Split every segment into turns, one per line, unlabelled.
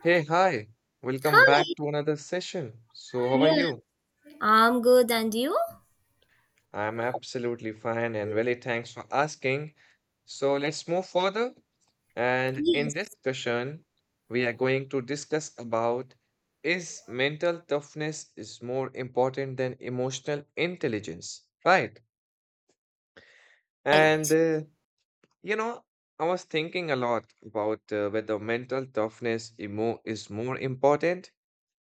Hey, hi. Welcome back
Hi.
to another session. So, how are
Yeah,
you?
I'm good. And you?
I'm absolutely fine and really thanks for asking. So, let's move further. And in
Yes.
this discussion, we are going to discuss about is mental toughness is more important than emotional intelligence, right? And
Right.
uh, you know, I was thinking a lot about whether mental toughness emo is more important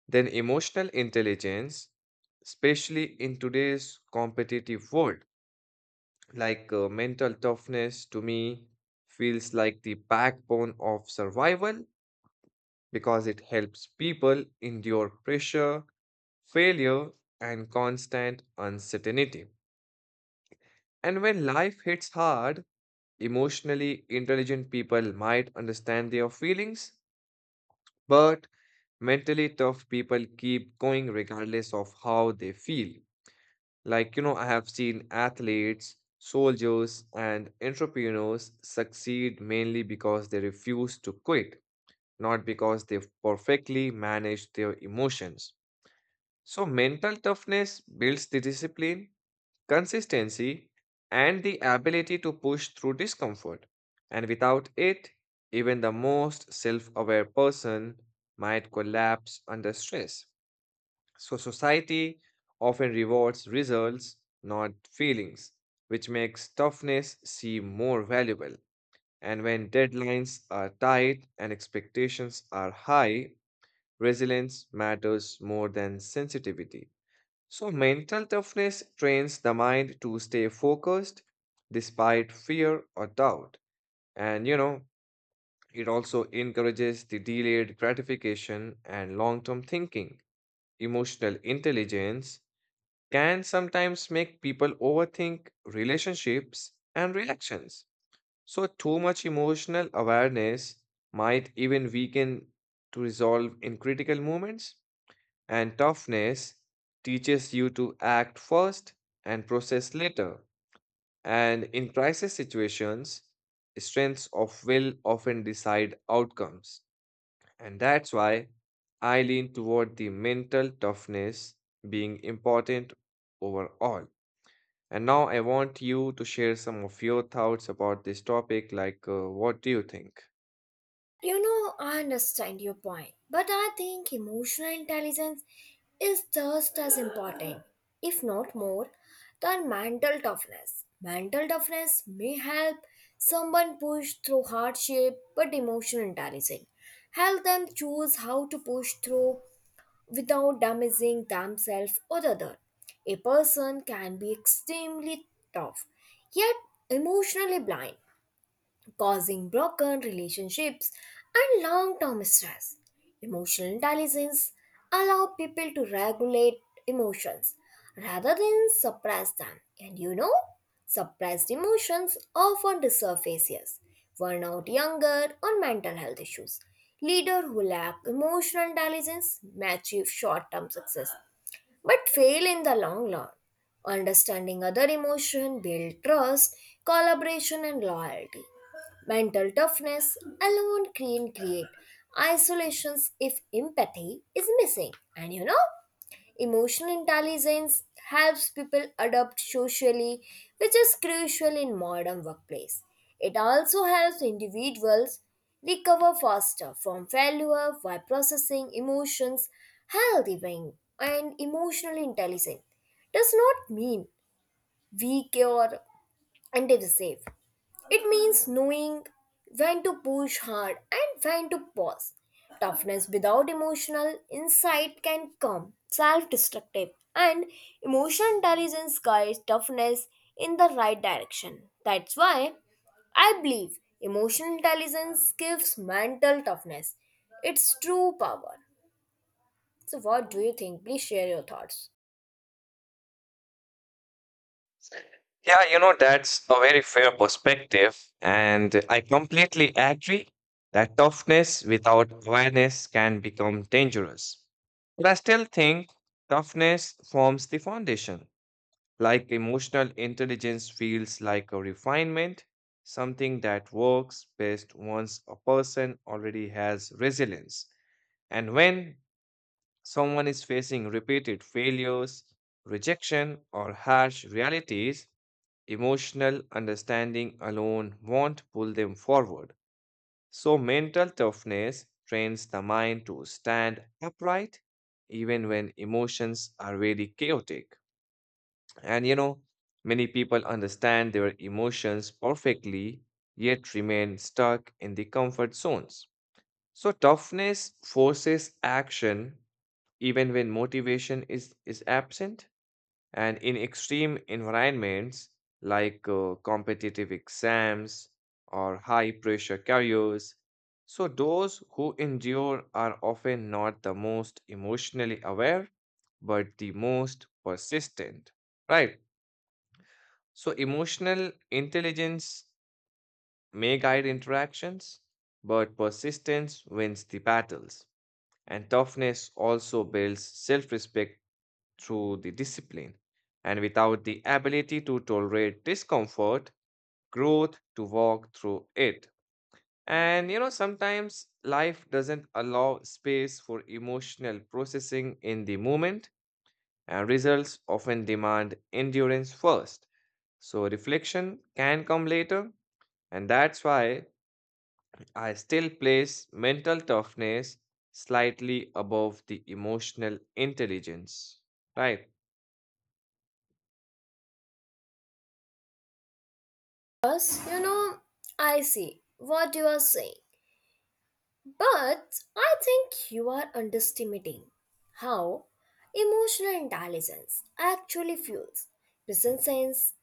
Then emotional intelligence, especially in today's competitive world, like mental toughness to me feels like the backbone of survival because it helps people endure pressure, failure, and constant uncertainty. And when life hits hard, emotionally intelligent people might understand their feelings, but mentally tough people keep going regardless of how they feel. I have seen athletes, soldiers, and entrepreneurs succeed mainly because they refuse to quit, not because they've perfectly managed their emotions. So, mental toughness builds the discipline, consistency, and the ability to push through discomfort. And without it, even the most self aware person might collapse under stress. So, society often rewards results, not feelings, which makes toughness seem more valuable. And when deadlines are tight and expectations are high, resilience matters more than sensitivity. So, mental toughness trains the mind to stay focused despite fear or doubt. And you know, it also encourages the delayed gratification and long term thinking. Emotional intelligence can sometimes make people overthink relationships and reactions. So, too much emotional awareness might even weaken to resolve in critical moments, and toughness teaches you to act first and process later. And in crisis situations, strengths of will often decide outcomes. And that's why I lean toward the mental toughness being important overall. And now I want you to share some of your thoughts about this topic. Like, what do you think?
I understand your point, but I think emotional intelligence is just as important, if not more, than mental toughness. Mental toughness may help someone push through hardship, but emotional intelligence help them choose how to push through without damaging themselves or the other. A person can be extremely tough yet emotionally blind causing broken relationships and long term stress. Emotional intelligence allows people to regulate emotions rather than suppress them. And suppressed emotions often resurfaces, burn out younger or mental health issues. Leaders who lack emotional intelligence may achieve short term success but fail in the long run. Understanding other emotion build trust, collaboration and loyalty. Mental toughness alone can create isolations if empathy is missing. And emotional intelligence helps people adapt socially, which is crucial in modern workplace. It also helps individuals recover faster from failure by processing emotions healthy being and emotional intelligence does not mean weak or indecisive. It means knowing when to push hard and when to pause. Toughness without emotional insight can come self destructive, and emotional intelligence guides toughness in the right direction. That's why I believe emotional intelligence gives mental toughness its true power. So, what do you think? Please share your thoughts.
Yeah, you know, that's a very fair perspective. And I completely agree that toughness without awareness can become dangerous. But I still think toughness forms the foundation. Like emotional intelligence feels like a refinement, something that works best once a person already has resilience. And when Someone is facing repeated failures, rejection, or harsh realities, emotional understanding alone won't pull them forward. So, mental toughness trains the mind to stand upright even when emotions are really chaotic. And you know, many people understand their emotions perfectly yet remain stuck in the comfort zones. So, toughness forces action even when motivation is absent. And in extreme environments like competitive exams or high pressure careers, so those who endure are often not the most emotionally aware, but the most persistent, right? So emotional intelligence may guide interactions, but persistence wins the battles. And toughness also builds self respect through the discipline. And without the ability to tolerate discomfort, growth to walk through it. And you know, sometimes life doesn't allow space for emotional processing in the moment, and results often demand endurance first. So, reflection can come later, and that's why I still place mental toughness slightly above the emotional intelligence. Right.
Yes, I see what you are saying. But I think you are underestimating how emotional intelligence actually fuels present sense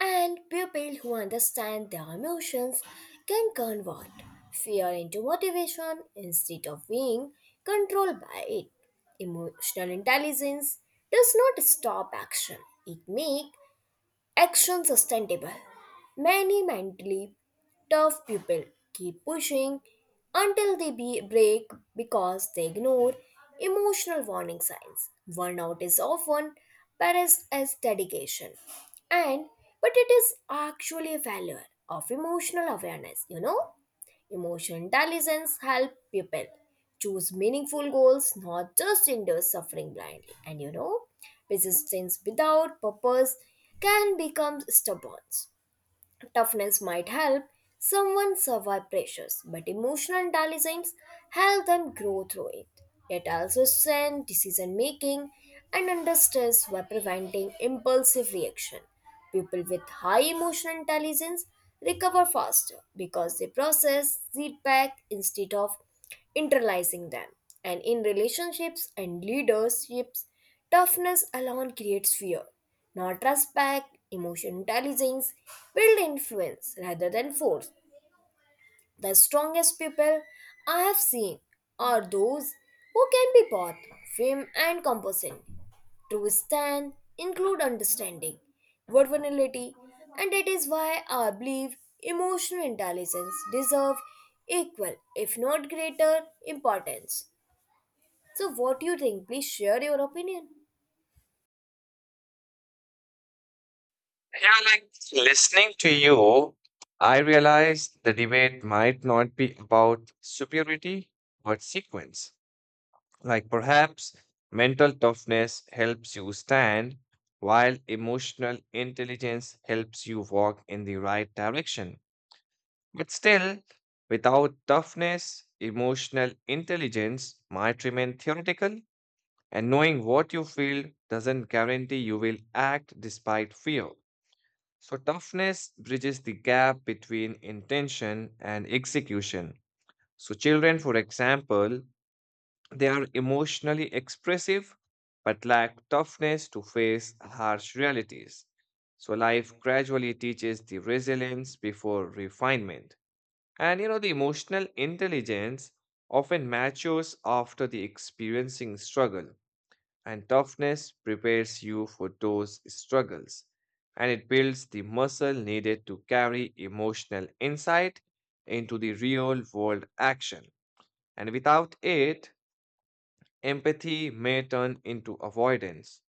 and people who understand their emotions can convert fear into motivation instead of being controlled by it. Emotional intelligence does not stop action. It makes action sustainable. Many mentally tough people keep pushing until they be break because they ignore emotional warning signs. Burnout is often praised as dedication, and but it is actually a failure of emotional awareness. Emotional intelligence helps people choose meaningful goals, not just endure suffering blindly. And resistance without purpose can become stubborn. Toughness might help someone survive pressures, but emotional intelligence helps them grow through it. It also strengthens decision making and under stress by preventing impulsive reaction. People with high emotional intelligence recover faster because they process feedback instead of internalizing them. And in relationships and leaderships, toughness alone creates fear, not respect. Emotional intelligence builds influence rather than force. The strongest people I have seen are those who can be both firm and compassionate. True strength include understanding, vulnerability, and that is why I believe emotional intelligence deserve equal, if not greater, importance. So, what do you think? Please share your opinion.
Yeah, like listening to you, I realize the debate might not be about superiority but sequence. Like perhaps mental toughness helps you stand, while emotional intelligence helps you walk in the right direction. But still, without toughness, emotional intelligence might remain theoretical, and knowing what you feel doesn't guarantee you will act despite fear. So, toughness bridges the gap between intention and execution. So, children, for example, they are emotionally expressive but lack toughness to face harsh realities. So, life gradually teaches the resilience before refinement. And you know, the emotional intelligence often matures after the experiencing struggle. And toughness prepares you for those struggles and it builds the muscle needed to carry emotional insight into the real world action. And without it, empathy may turn into avoidance.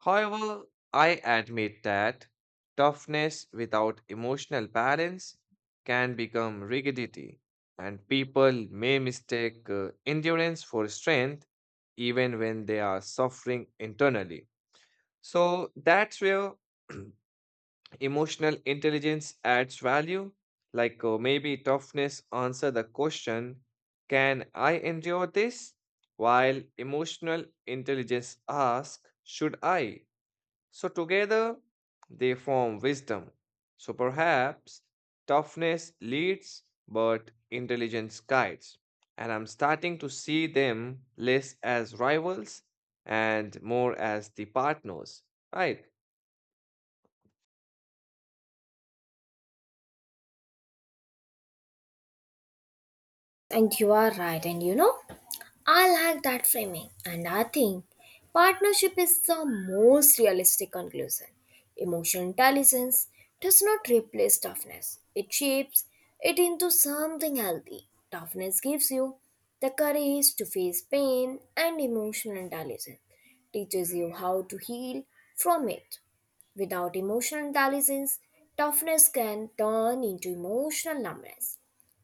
However, I admit that toughness without emotional balance can become rigidity, and people may mistake endurance for strength even when they are suffering internally. So that's where emotional intelligence adds value. Like maybe toughness answer the question, can I endure this? While emotional intelligence asks, should I? So together they form wisdom. So perhaps toughness leads, but intelligence guides. And I'm starting to see them less as rivals and more as the partners, right?
And you are right, and I like that framing, and I think partnership is the most realistic conclusion. Emotional intelligence does not replace toughness, it shapes it into something healthy. Toughness gives you the courage to face pain, and emotional intelligence teaches you how to heal from it. Without emotional intelligence, toughness can turn into emotional numbness.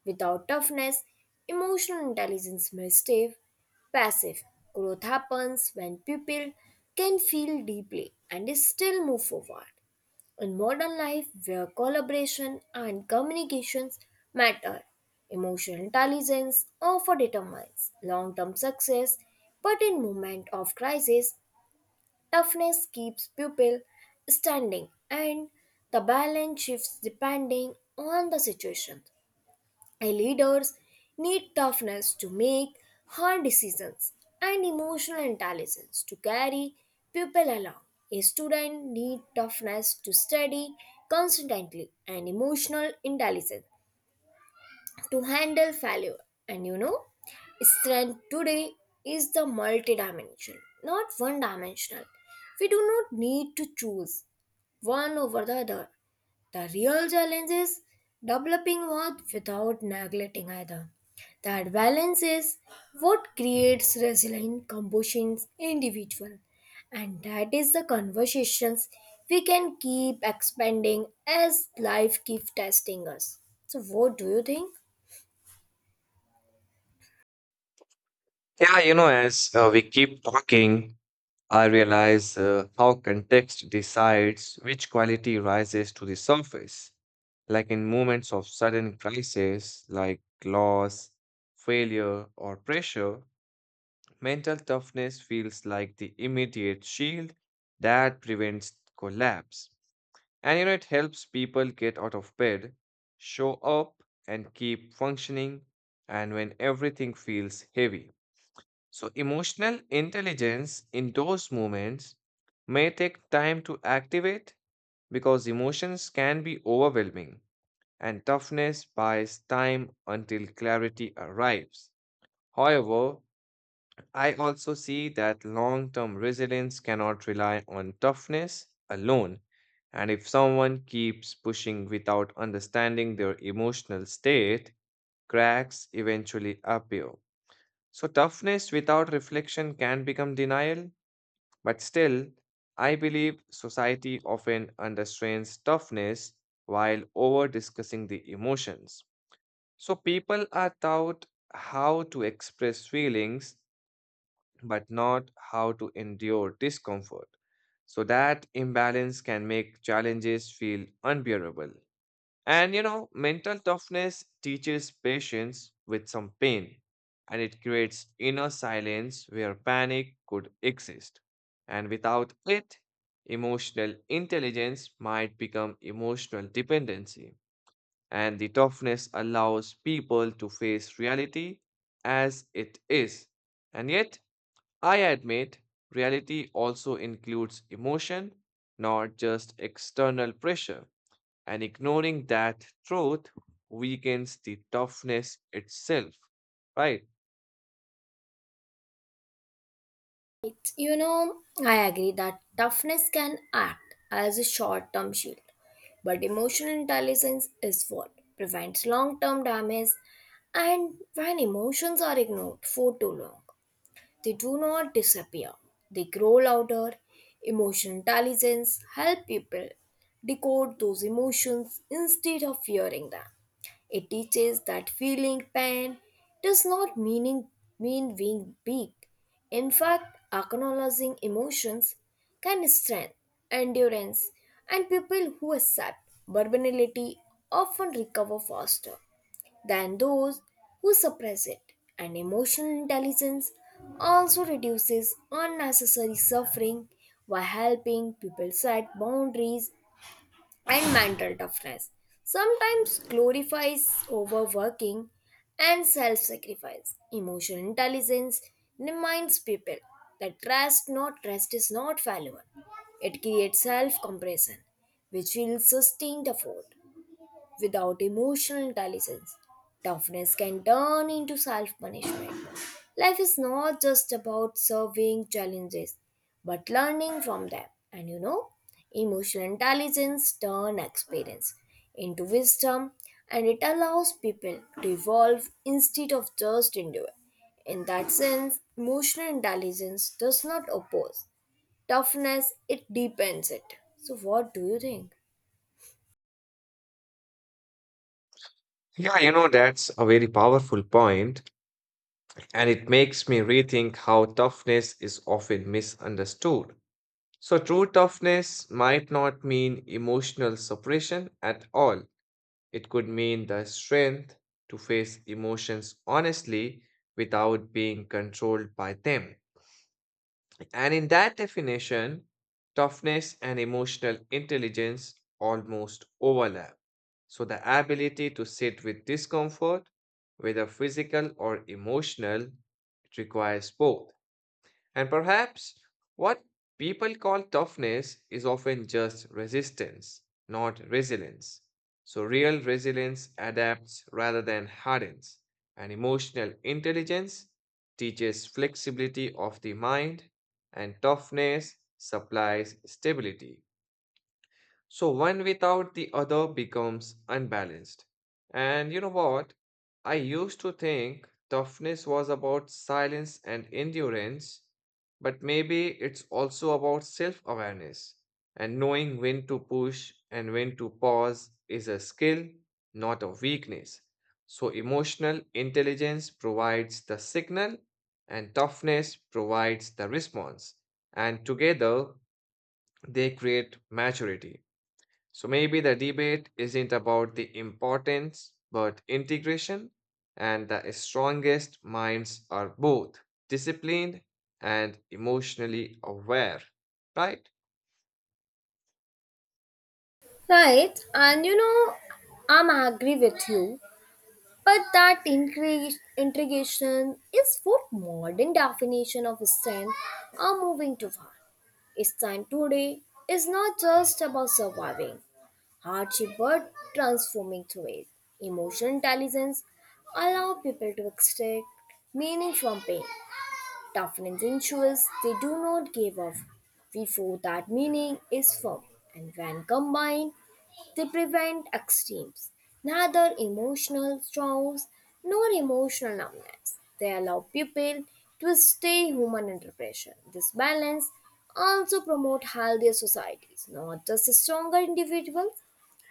Without toughness, emotional intelligence may stay passive. Growth happens when people can feel deeply and still move forward. In modern life, where collaboration and communications matter, emotional intelligence often determines long term success, but in moment of crisis, toughness keeps people standing and the balance shifts depending on the situation. Leaders need toughness to make hard decisions and emotional intelligence to carry people along. A student needs toughness to study constantly and emotional intelligence to handle failure. And strength today is the multidimensional, not one dimensional. We do not need to choose one over the other. The real challenge is developing one without neglecting either. That balance is what creates resilient compositions individual. And that is the conversations we can keep expanding as life keeps testing us. So what do you think?
Yeah, you know, as we keep talking, I realize how context decides which quality rises to the surface. Like in moments of sudden crisis, like loss, failure, or pressure, mental toughness feels like the immediate shield that prevents collapse. And you know, it helps people get out of bed, show up, and keep functioning, and when everything feels heavy. So, emotional intelligence in those moments may take time to activate because emotions can be overwhelming and toughness buys time until clarity arrives. However, I also see that long term resilience cannot rely on toughness alone. And if someone keeps pushing without understanding their emotional state, cracks eventually appear. So, toughness without reflection can become denial, but still, I believe society often understrains toughness while over discussing the emotions. So, people are taught how to express feelings but not how to endure discomfort. So, that imbalance can make challenges feel unbearable. And you know, mental toughness teaches patience with some pain and it creates inner silence where panic could exist. And without it, emotional intelligence might become emotional dependency. And the toughness allows people to face reality as it is. And yet, I admit, reality also includes emotion, not just external pressure. And ignoring that truth weakens the toughness itself, right?
It's, You know, I agree that toughness can act as a short term shield, but emotional intelligence is what prevents long term damage and when emotions are ignored for too long. They do not disappear. They grow louder. Emotional intelligence helps people decode those emotions instead of fearing them. It teaches that feeling pain does not mean being weak. In fact, acknowledging emotions can strengthen endurance, and people who accept vulnerability often recover faster than those who suppress it. And emotional intelligence also reduces unnecessary suffering by helping people set boundaries and mental toughness. Sometimes glorifies overworking and self sacrifice. Emotional intelligence reminds people that rest is not valuable. It creates self compression, which will sustain the fort. Without emotional intelligence, toughness can turn into self punishment. Life is not just about surveying challenges, but learning from them. And emotional intelligence turns experience into wisdom and it allows people to evolve instead of just endure. In that sense, emotional intelligence does not oppose toughness, it deepens it. So, what do you think?
Yeah, you know, that's a very powerful point, and it makes me rethink how toughness is often misunderstood. So, true toughness might not mean emotional suppression at all. It could mean the strength to face emotions honestly without being controlled by them. And in that definition, toughness and emotional intelligence almost overlap. So, the ability to sit with discomfort, whether physical or emotional, it requires both. And perhaps what people call toughness is often just resistance, not resilience. So, real resilience adapts rather than hardens, and emotional intelligence teaches flexibility of the mind, and toughness supplies stability. So one without the other becomes unbalanced. And you know what? I used to think toughness was about silence and endurance, but maybe it's also about self awareness. And knowing when to push and when to pause is a skill, not a weakness. So emotional intelligence provides the signal, and toughness provides the response. And together, they create maturity. So maybe the debate isn't about the importance, but integration, and the strongest minds are both disciplined and emotionally aware, right?
Right, and I'm agree with you, but that integration is what modern definition of strength are moving too far. Strength today is not just about surviving hardship, but transforming through it. Emotional intelligence allow people to extract meaning from pain. Toughness ensures they do not give up before that meaning is formed and when combined they prevent extremes, neither emotional storms nor emotional numbness. They allow people to stay human under pressure. This balance also promotes healthier societies, not just stronger individuals.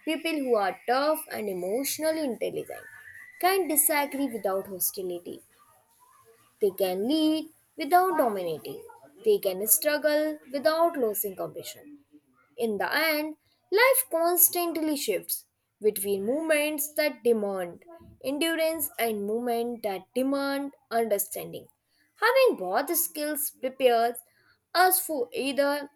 People who are tough and emotionally intelligent can disagree without hostility. They can lead without dominating. They can struggle without losing compassion. In the end, life constantly shifts between moments that demand endurance and moments that demand understanding. Having both skills prepares us for either.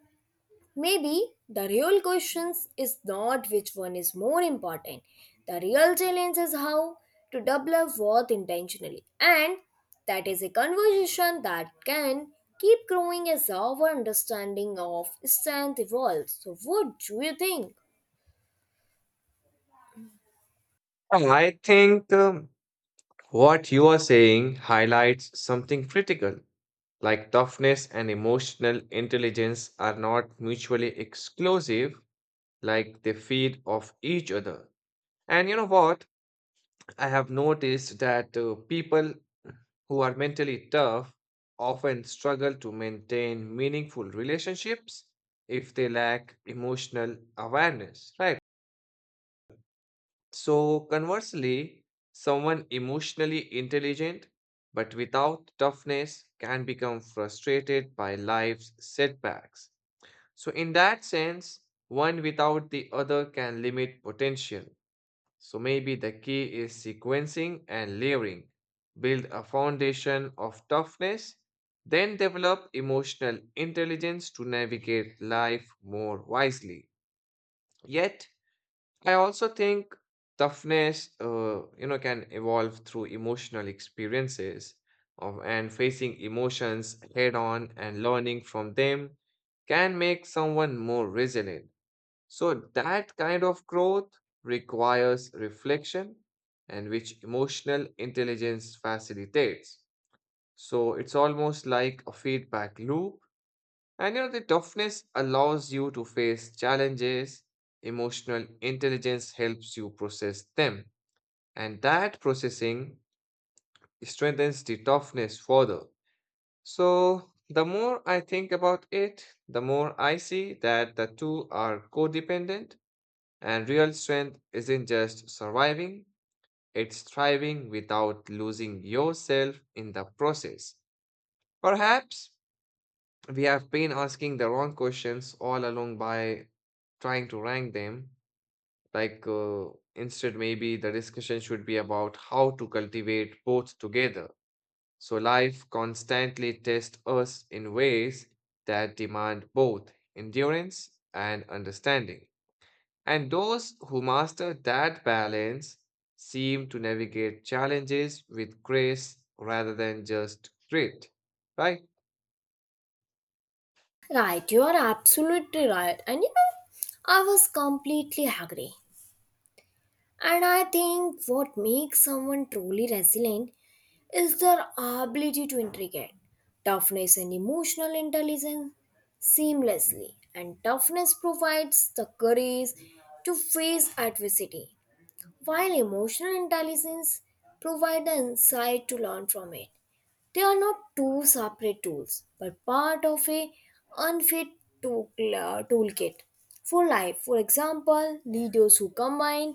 Maybe the real question is not which one is more important. The real challenge is how to develop worth intentionally. And that is a conversation that can keep growing as our understanding of strength evolves. So, what do you think?
And I think, what you are saying highlights something critical. Like toughness and emotional intelligence are not mutually exclusive, like they feed off each other. And you know what? I have noticed that people who are mentally tough often struggle to maintain meaningful relationships if they lack emotional awareness, right? So, conversely, someone emotionally intelligent but without toughness can become frustrated by life's setbacks. So, in that sense, one without the other can limit potential. So maybe the key is sequencing and layering. Build a foundation of toughness, then develop emotional intelligence to navigate life more wisely. Yet, I also think toughness, can evolve through emotional experiences of, and facing emotions head on and learning from them can make someone more resilient. So that kind of growth requires reflection and which emotional intelligence facilitates. So it's almost like a feedback loop. And you know, the toughness allows you to face challenges. Emotional intelligence helps you process them. And that processing strengthens the toughness further. So the more I think about it, the more I see that the two are codependent And real strength isn't just surviving, it's thriving without losing yourself in the process. Perhaps we have been asking the wrong questions all along by trying to rank them. Like, instead, maybe the discussion should be about how to cultivate both together. So, life constantly tests us in ways that demand both endurance and understanding. And those who master that balance seem to navigate challenges with grace rather than just grit, right?
Right, you are absolutely right. And I was completely agree. And I think what makes someone truly resilient is their ability to integrate toughness and emotional intelligence seamlessly. And toughness provides the courage to face adversity, while emotional intelligence provides the insight to learn from it. They are not two separate tools, but part of a unfit tool- toolkit for life. For example, leaders who combine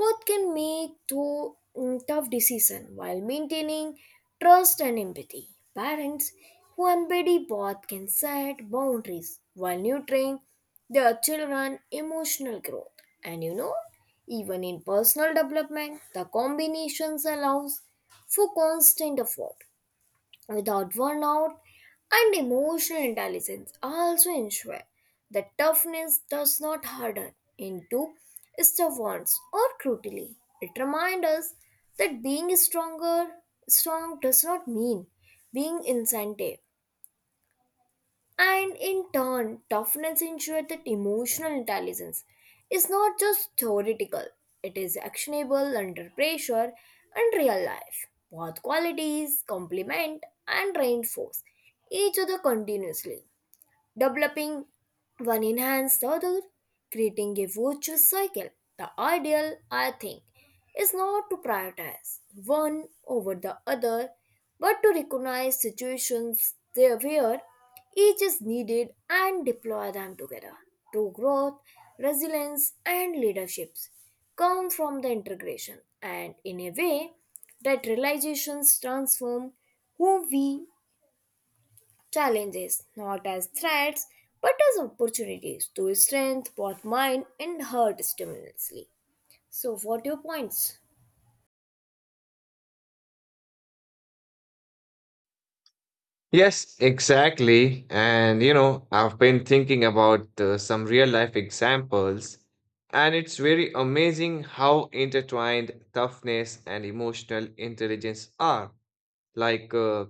both can make tough decisions while maintaining trust and empathy. Parents who embody both can set boundaries while nurturing their children emotional growth. And even in personal development, the combinations allows for constant effort without burnout and emotional intelligence also ensure that toughness does not harden into stubbornness or cruelty. It reminds us that being strong does not mean being insensitive. And in turn, toughness ensured that emotional intelligence is not just theoretical, it is actionable under pressure and real life. Both qualities complement and reinforce each other continuously. Developing one enhances the other, creating a virtuous cycle. The ideal, I think, is not to prioritize one over the other, but to recognize situations there where each is needed and deploy them together. True growth, resilience, and leaderships come from the integration, and in a way that realizations transform who we challenges not as threats but as opportunities to strengthen both mind and heart simultaneously. So, what your points?
Yes, exactly. And you know, I've been thinking about some real life examples, and it's very amazing how intertwined toughness and emotional intelligence are. Like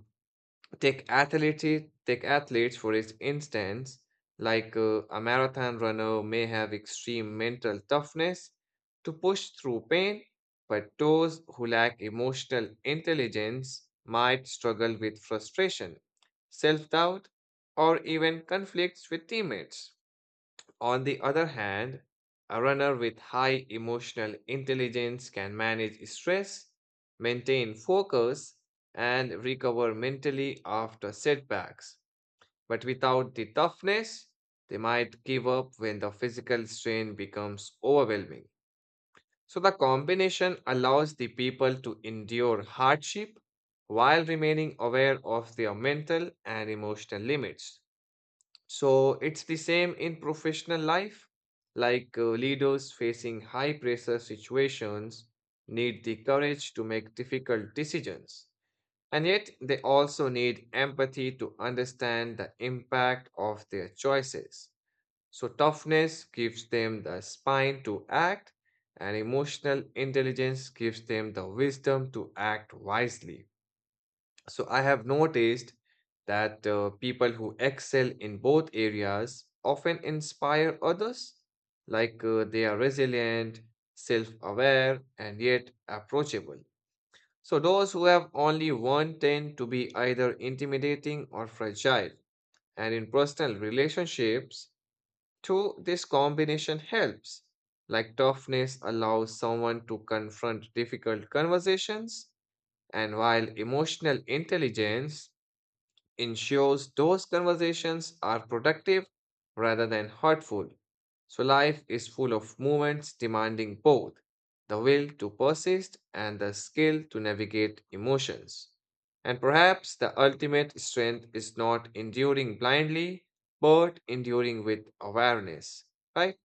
Take athletes, take athletes for its instance, like a marathon runner may have extreme mental toughness to push through pain, but those who lack emotional intelligence might struggle with frustration, self doubt, or even conflicts with teammates. On the other hand, a runner with high emotional intelligence can manage stress, maintain focus, and recover mentally after setbacks. But without the toughness, they might give up when the physical strain becomes overwhelming. So, the combination allows the people to endure hardship while remaining aware of their mental and emotional limits. So it's the same in professional life. Like leaders facing high pressure situations need the courage to make difficult decisions. And yet they also need empathy to understand the impact of their choices. So toughness gives them the spine to act, and emotional intelligence gives them the wisdom to act wisely. So I have noticed that people who excel in both areas often inspire others, like they are resilient, self-aware, and yet approachable. So those who have only one tend to be either intimidating or fragile. And in personal relationships, too, this combination helps. Like toughness allows someone to confront difficult conversations, and while emotional intelligence ensures those conversations are productive rather than hurtful. So life is full of moments demanding both the will to persist and the skill to navigate emotions. And perhaps the ultimate strength is not enduring blindly, but enduring with awareness, right?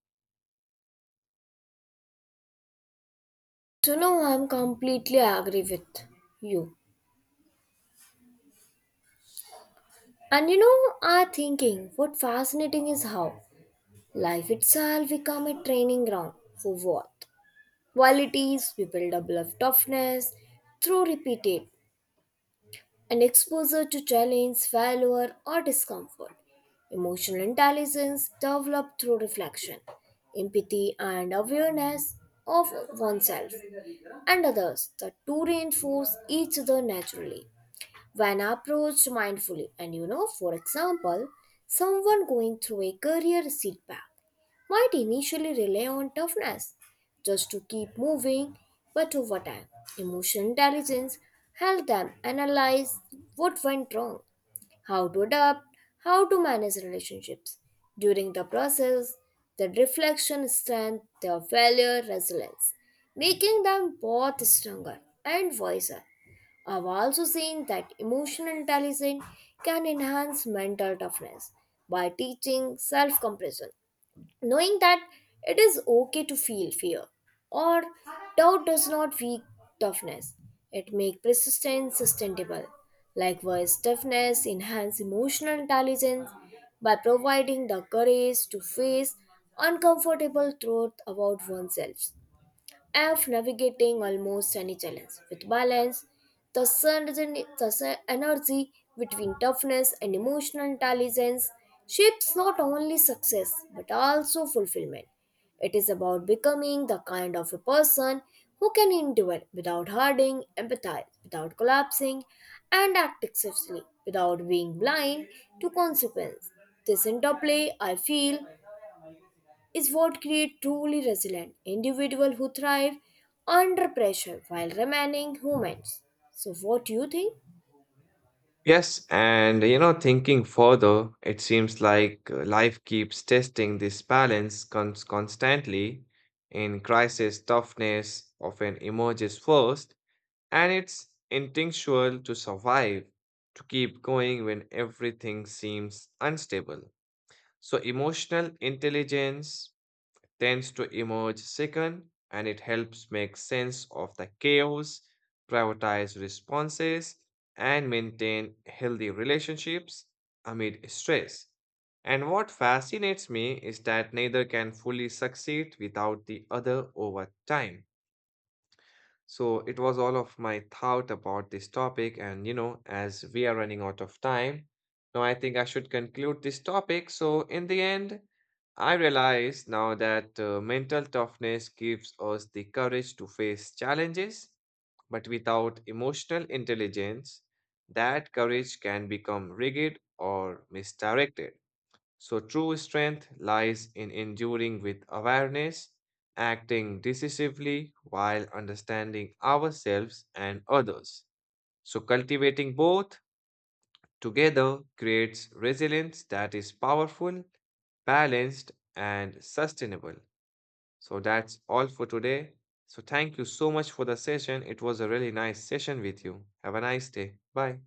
So, no, I'm completely agree with you. And I thinking what fascinating is how life itself become a training ground for what qualities we build up love toughness through repeated and exposure to challenge, failure, or discomfort. Emotional intelligence developed through reflection, empathy, and awareness of oneself and others. The two reinforce each other naturally when approached mindfully. And for example, someone going through a career setback might initially rely on toughness just to keep moving, but over time, emotional intelligence helped them analyze what went wrong, how to adapt, how to manage relationships. During the process, the reflection strengthened their failure resilience, making them both stronger and wiser. I've also seen that emotional intelligence can enhance mental toughness by teaching self compassion knowing that it is okay to feel fear or doubt does not weak toughness it makes persistence sustainable likewise toughness enhances emotional intelligence by providing the courage to face uncomfortable truth about oneself of navigating almost any challenge. With balance, the energy between toughness and emotional intelligence shapes not only success but also fulfillment. It is about becoming the kind of a person who can endure without hurting, empathize without collapsing, and act excessively without being blind to consequence. This interplay, I feel, is what creates truly resilient individuals who thrive under pressure while remaining humans. So, what do you think?
Yes, and you know, thinking further, it seems like life keeps testing this balance constantly. In crisis, toughness often emerges first, and it's instinctual to survive, to keep going when everything seems unstable. So, emotional intelligence tends to emerge second and it helps make sense of the chaos, prioritize responses, and maintain healthy relationships amid stress. And what fascinates me is that neither can fully succeed without the other over time. So it was all of my thought about this topic, and you know, as we are running out of time, now I think I should conclude this topic. So in the end, I realize now that mental toughness gives us the courage to face challenges, but without emotional intelligence, that courage can become rigid or misdirected. So, true strength lies in enduring with awareness, acting decisively while understanding ourselves and others. So, cultivating both together creates resilience that is powerful, balanced, and sustainable. So, that's all for today. So, thank you so much for the session. It was a really nice session with you. Have a nice day. Bye.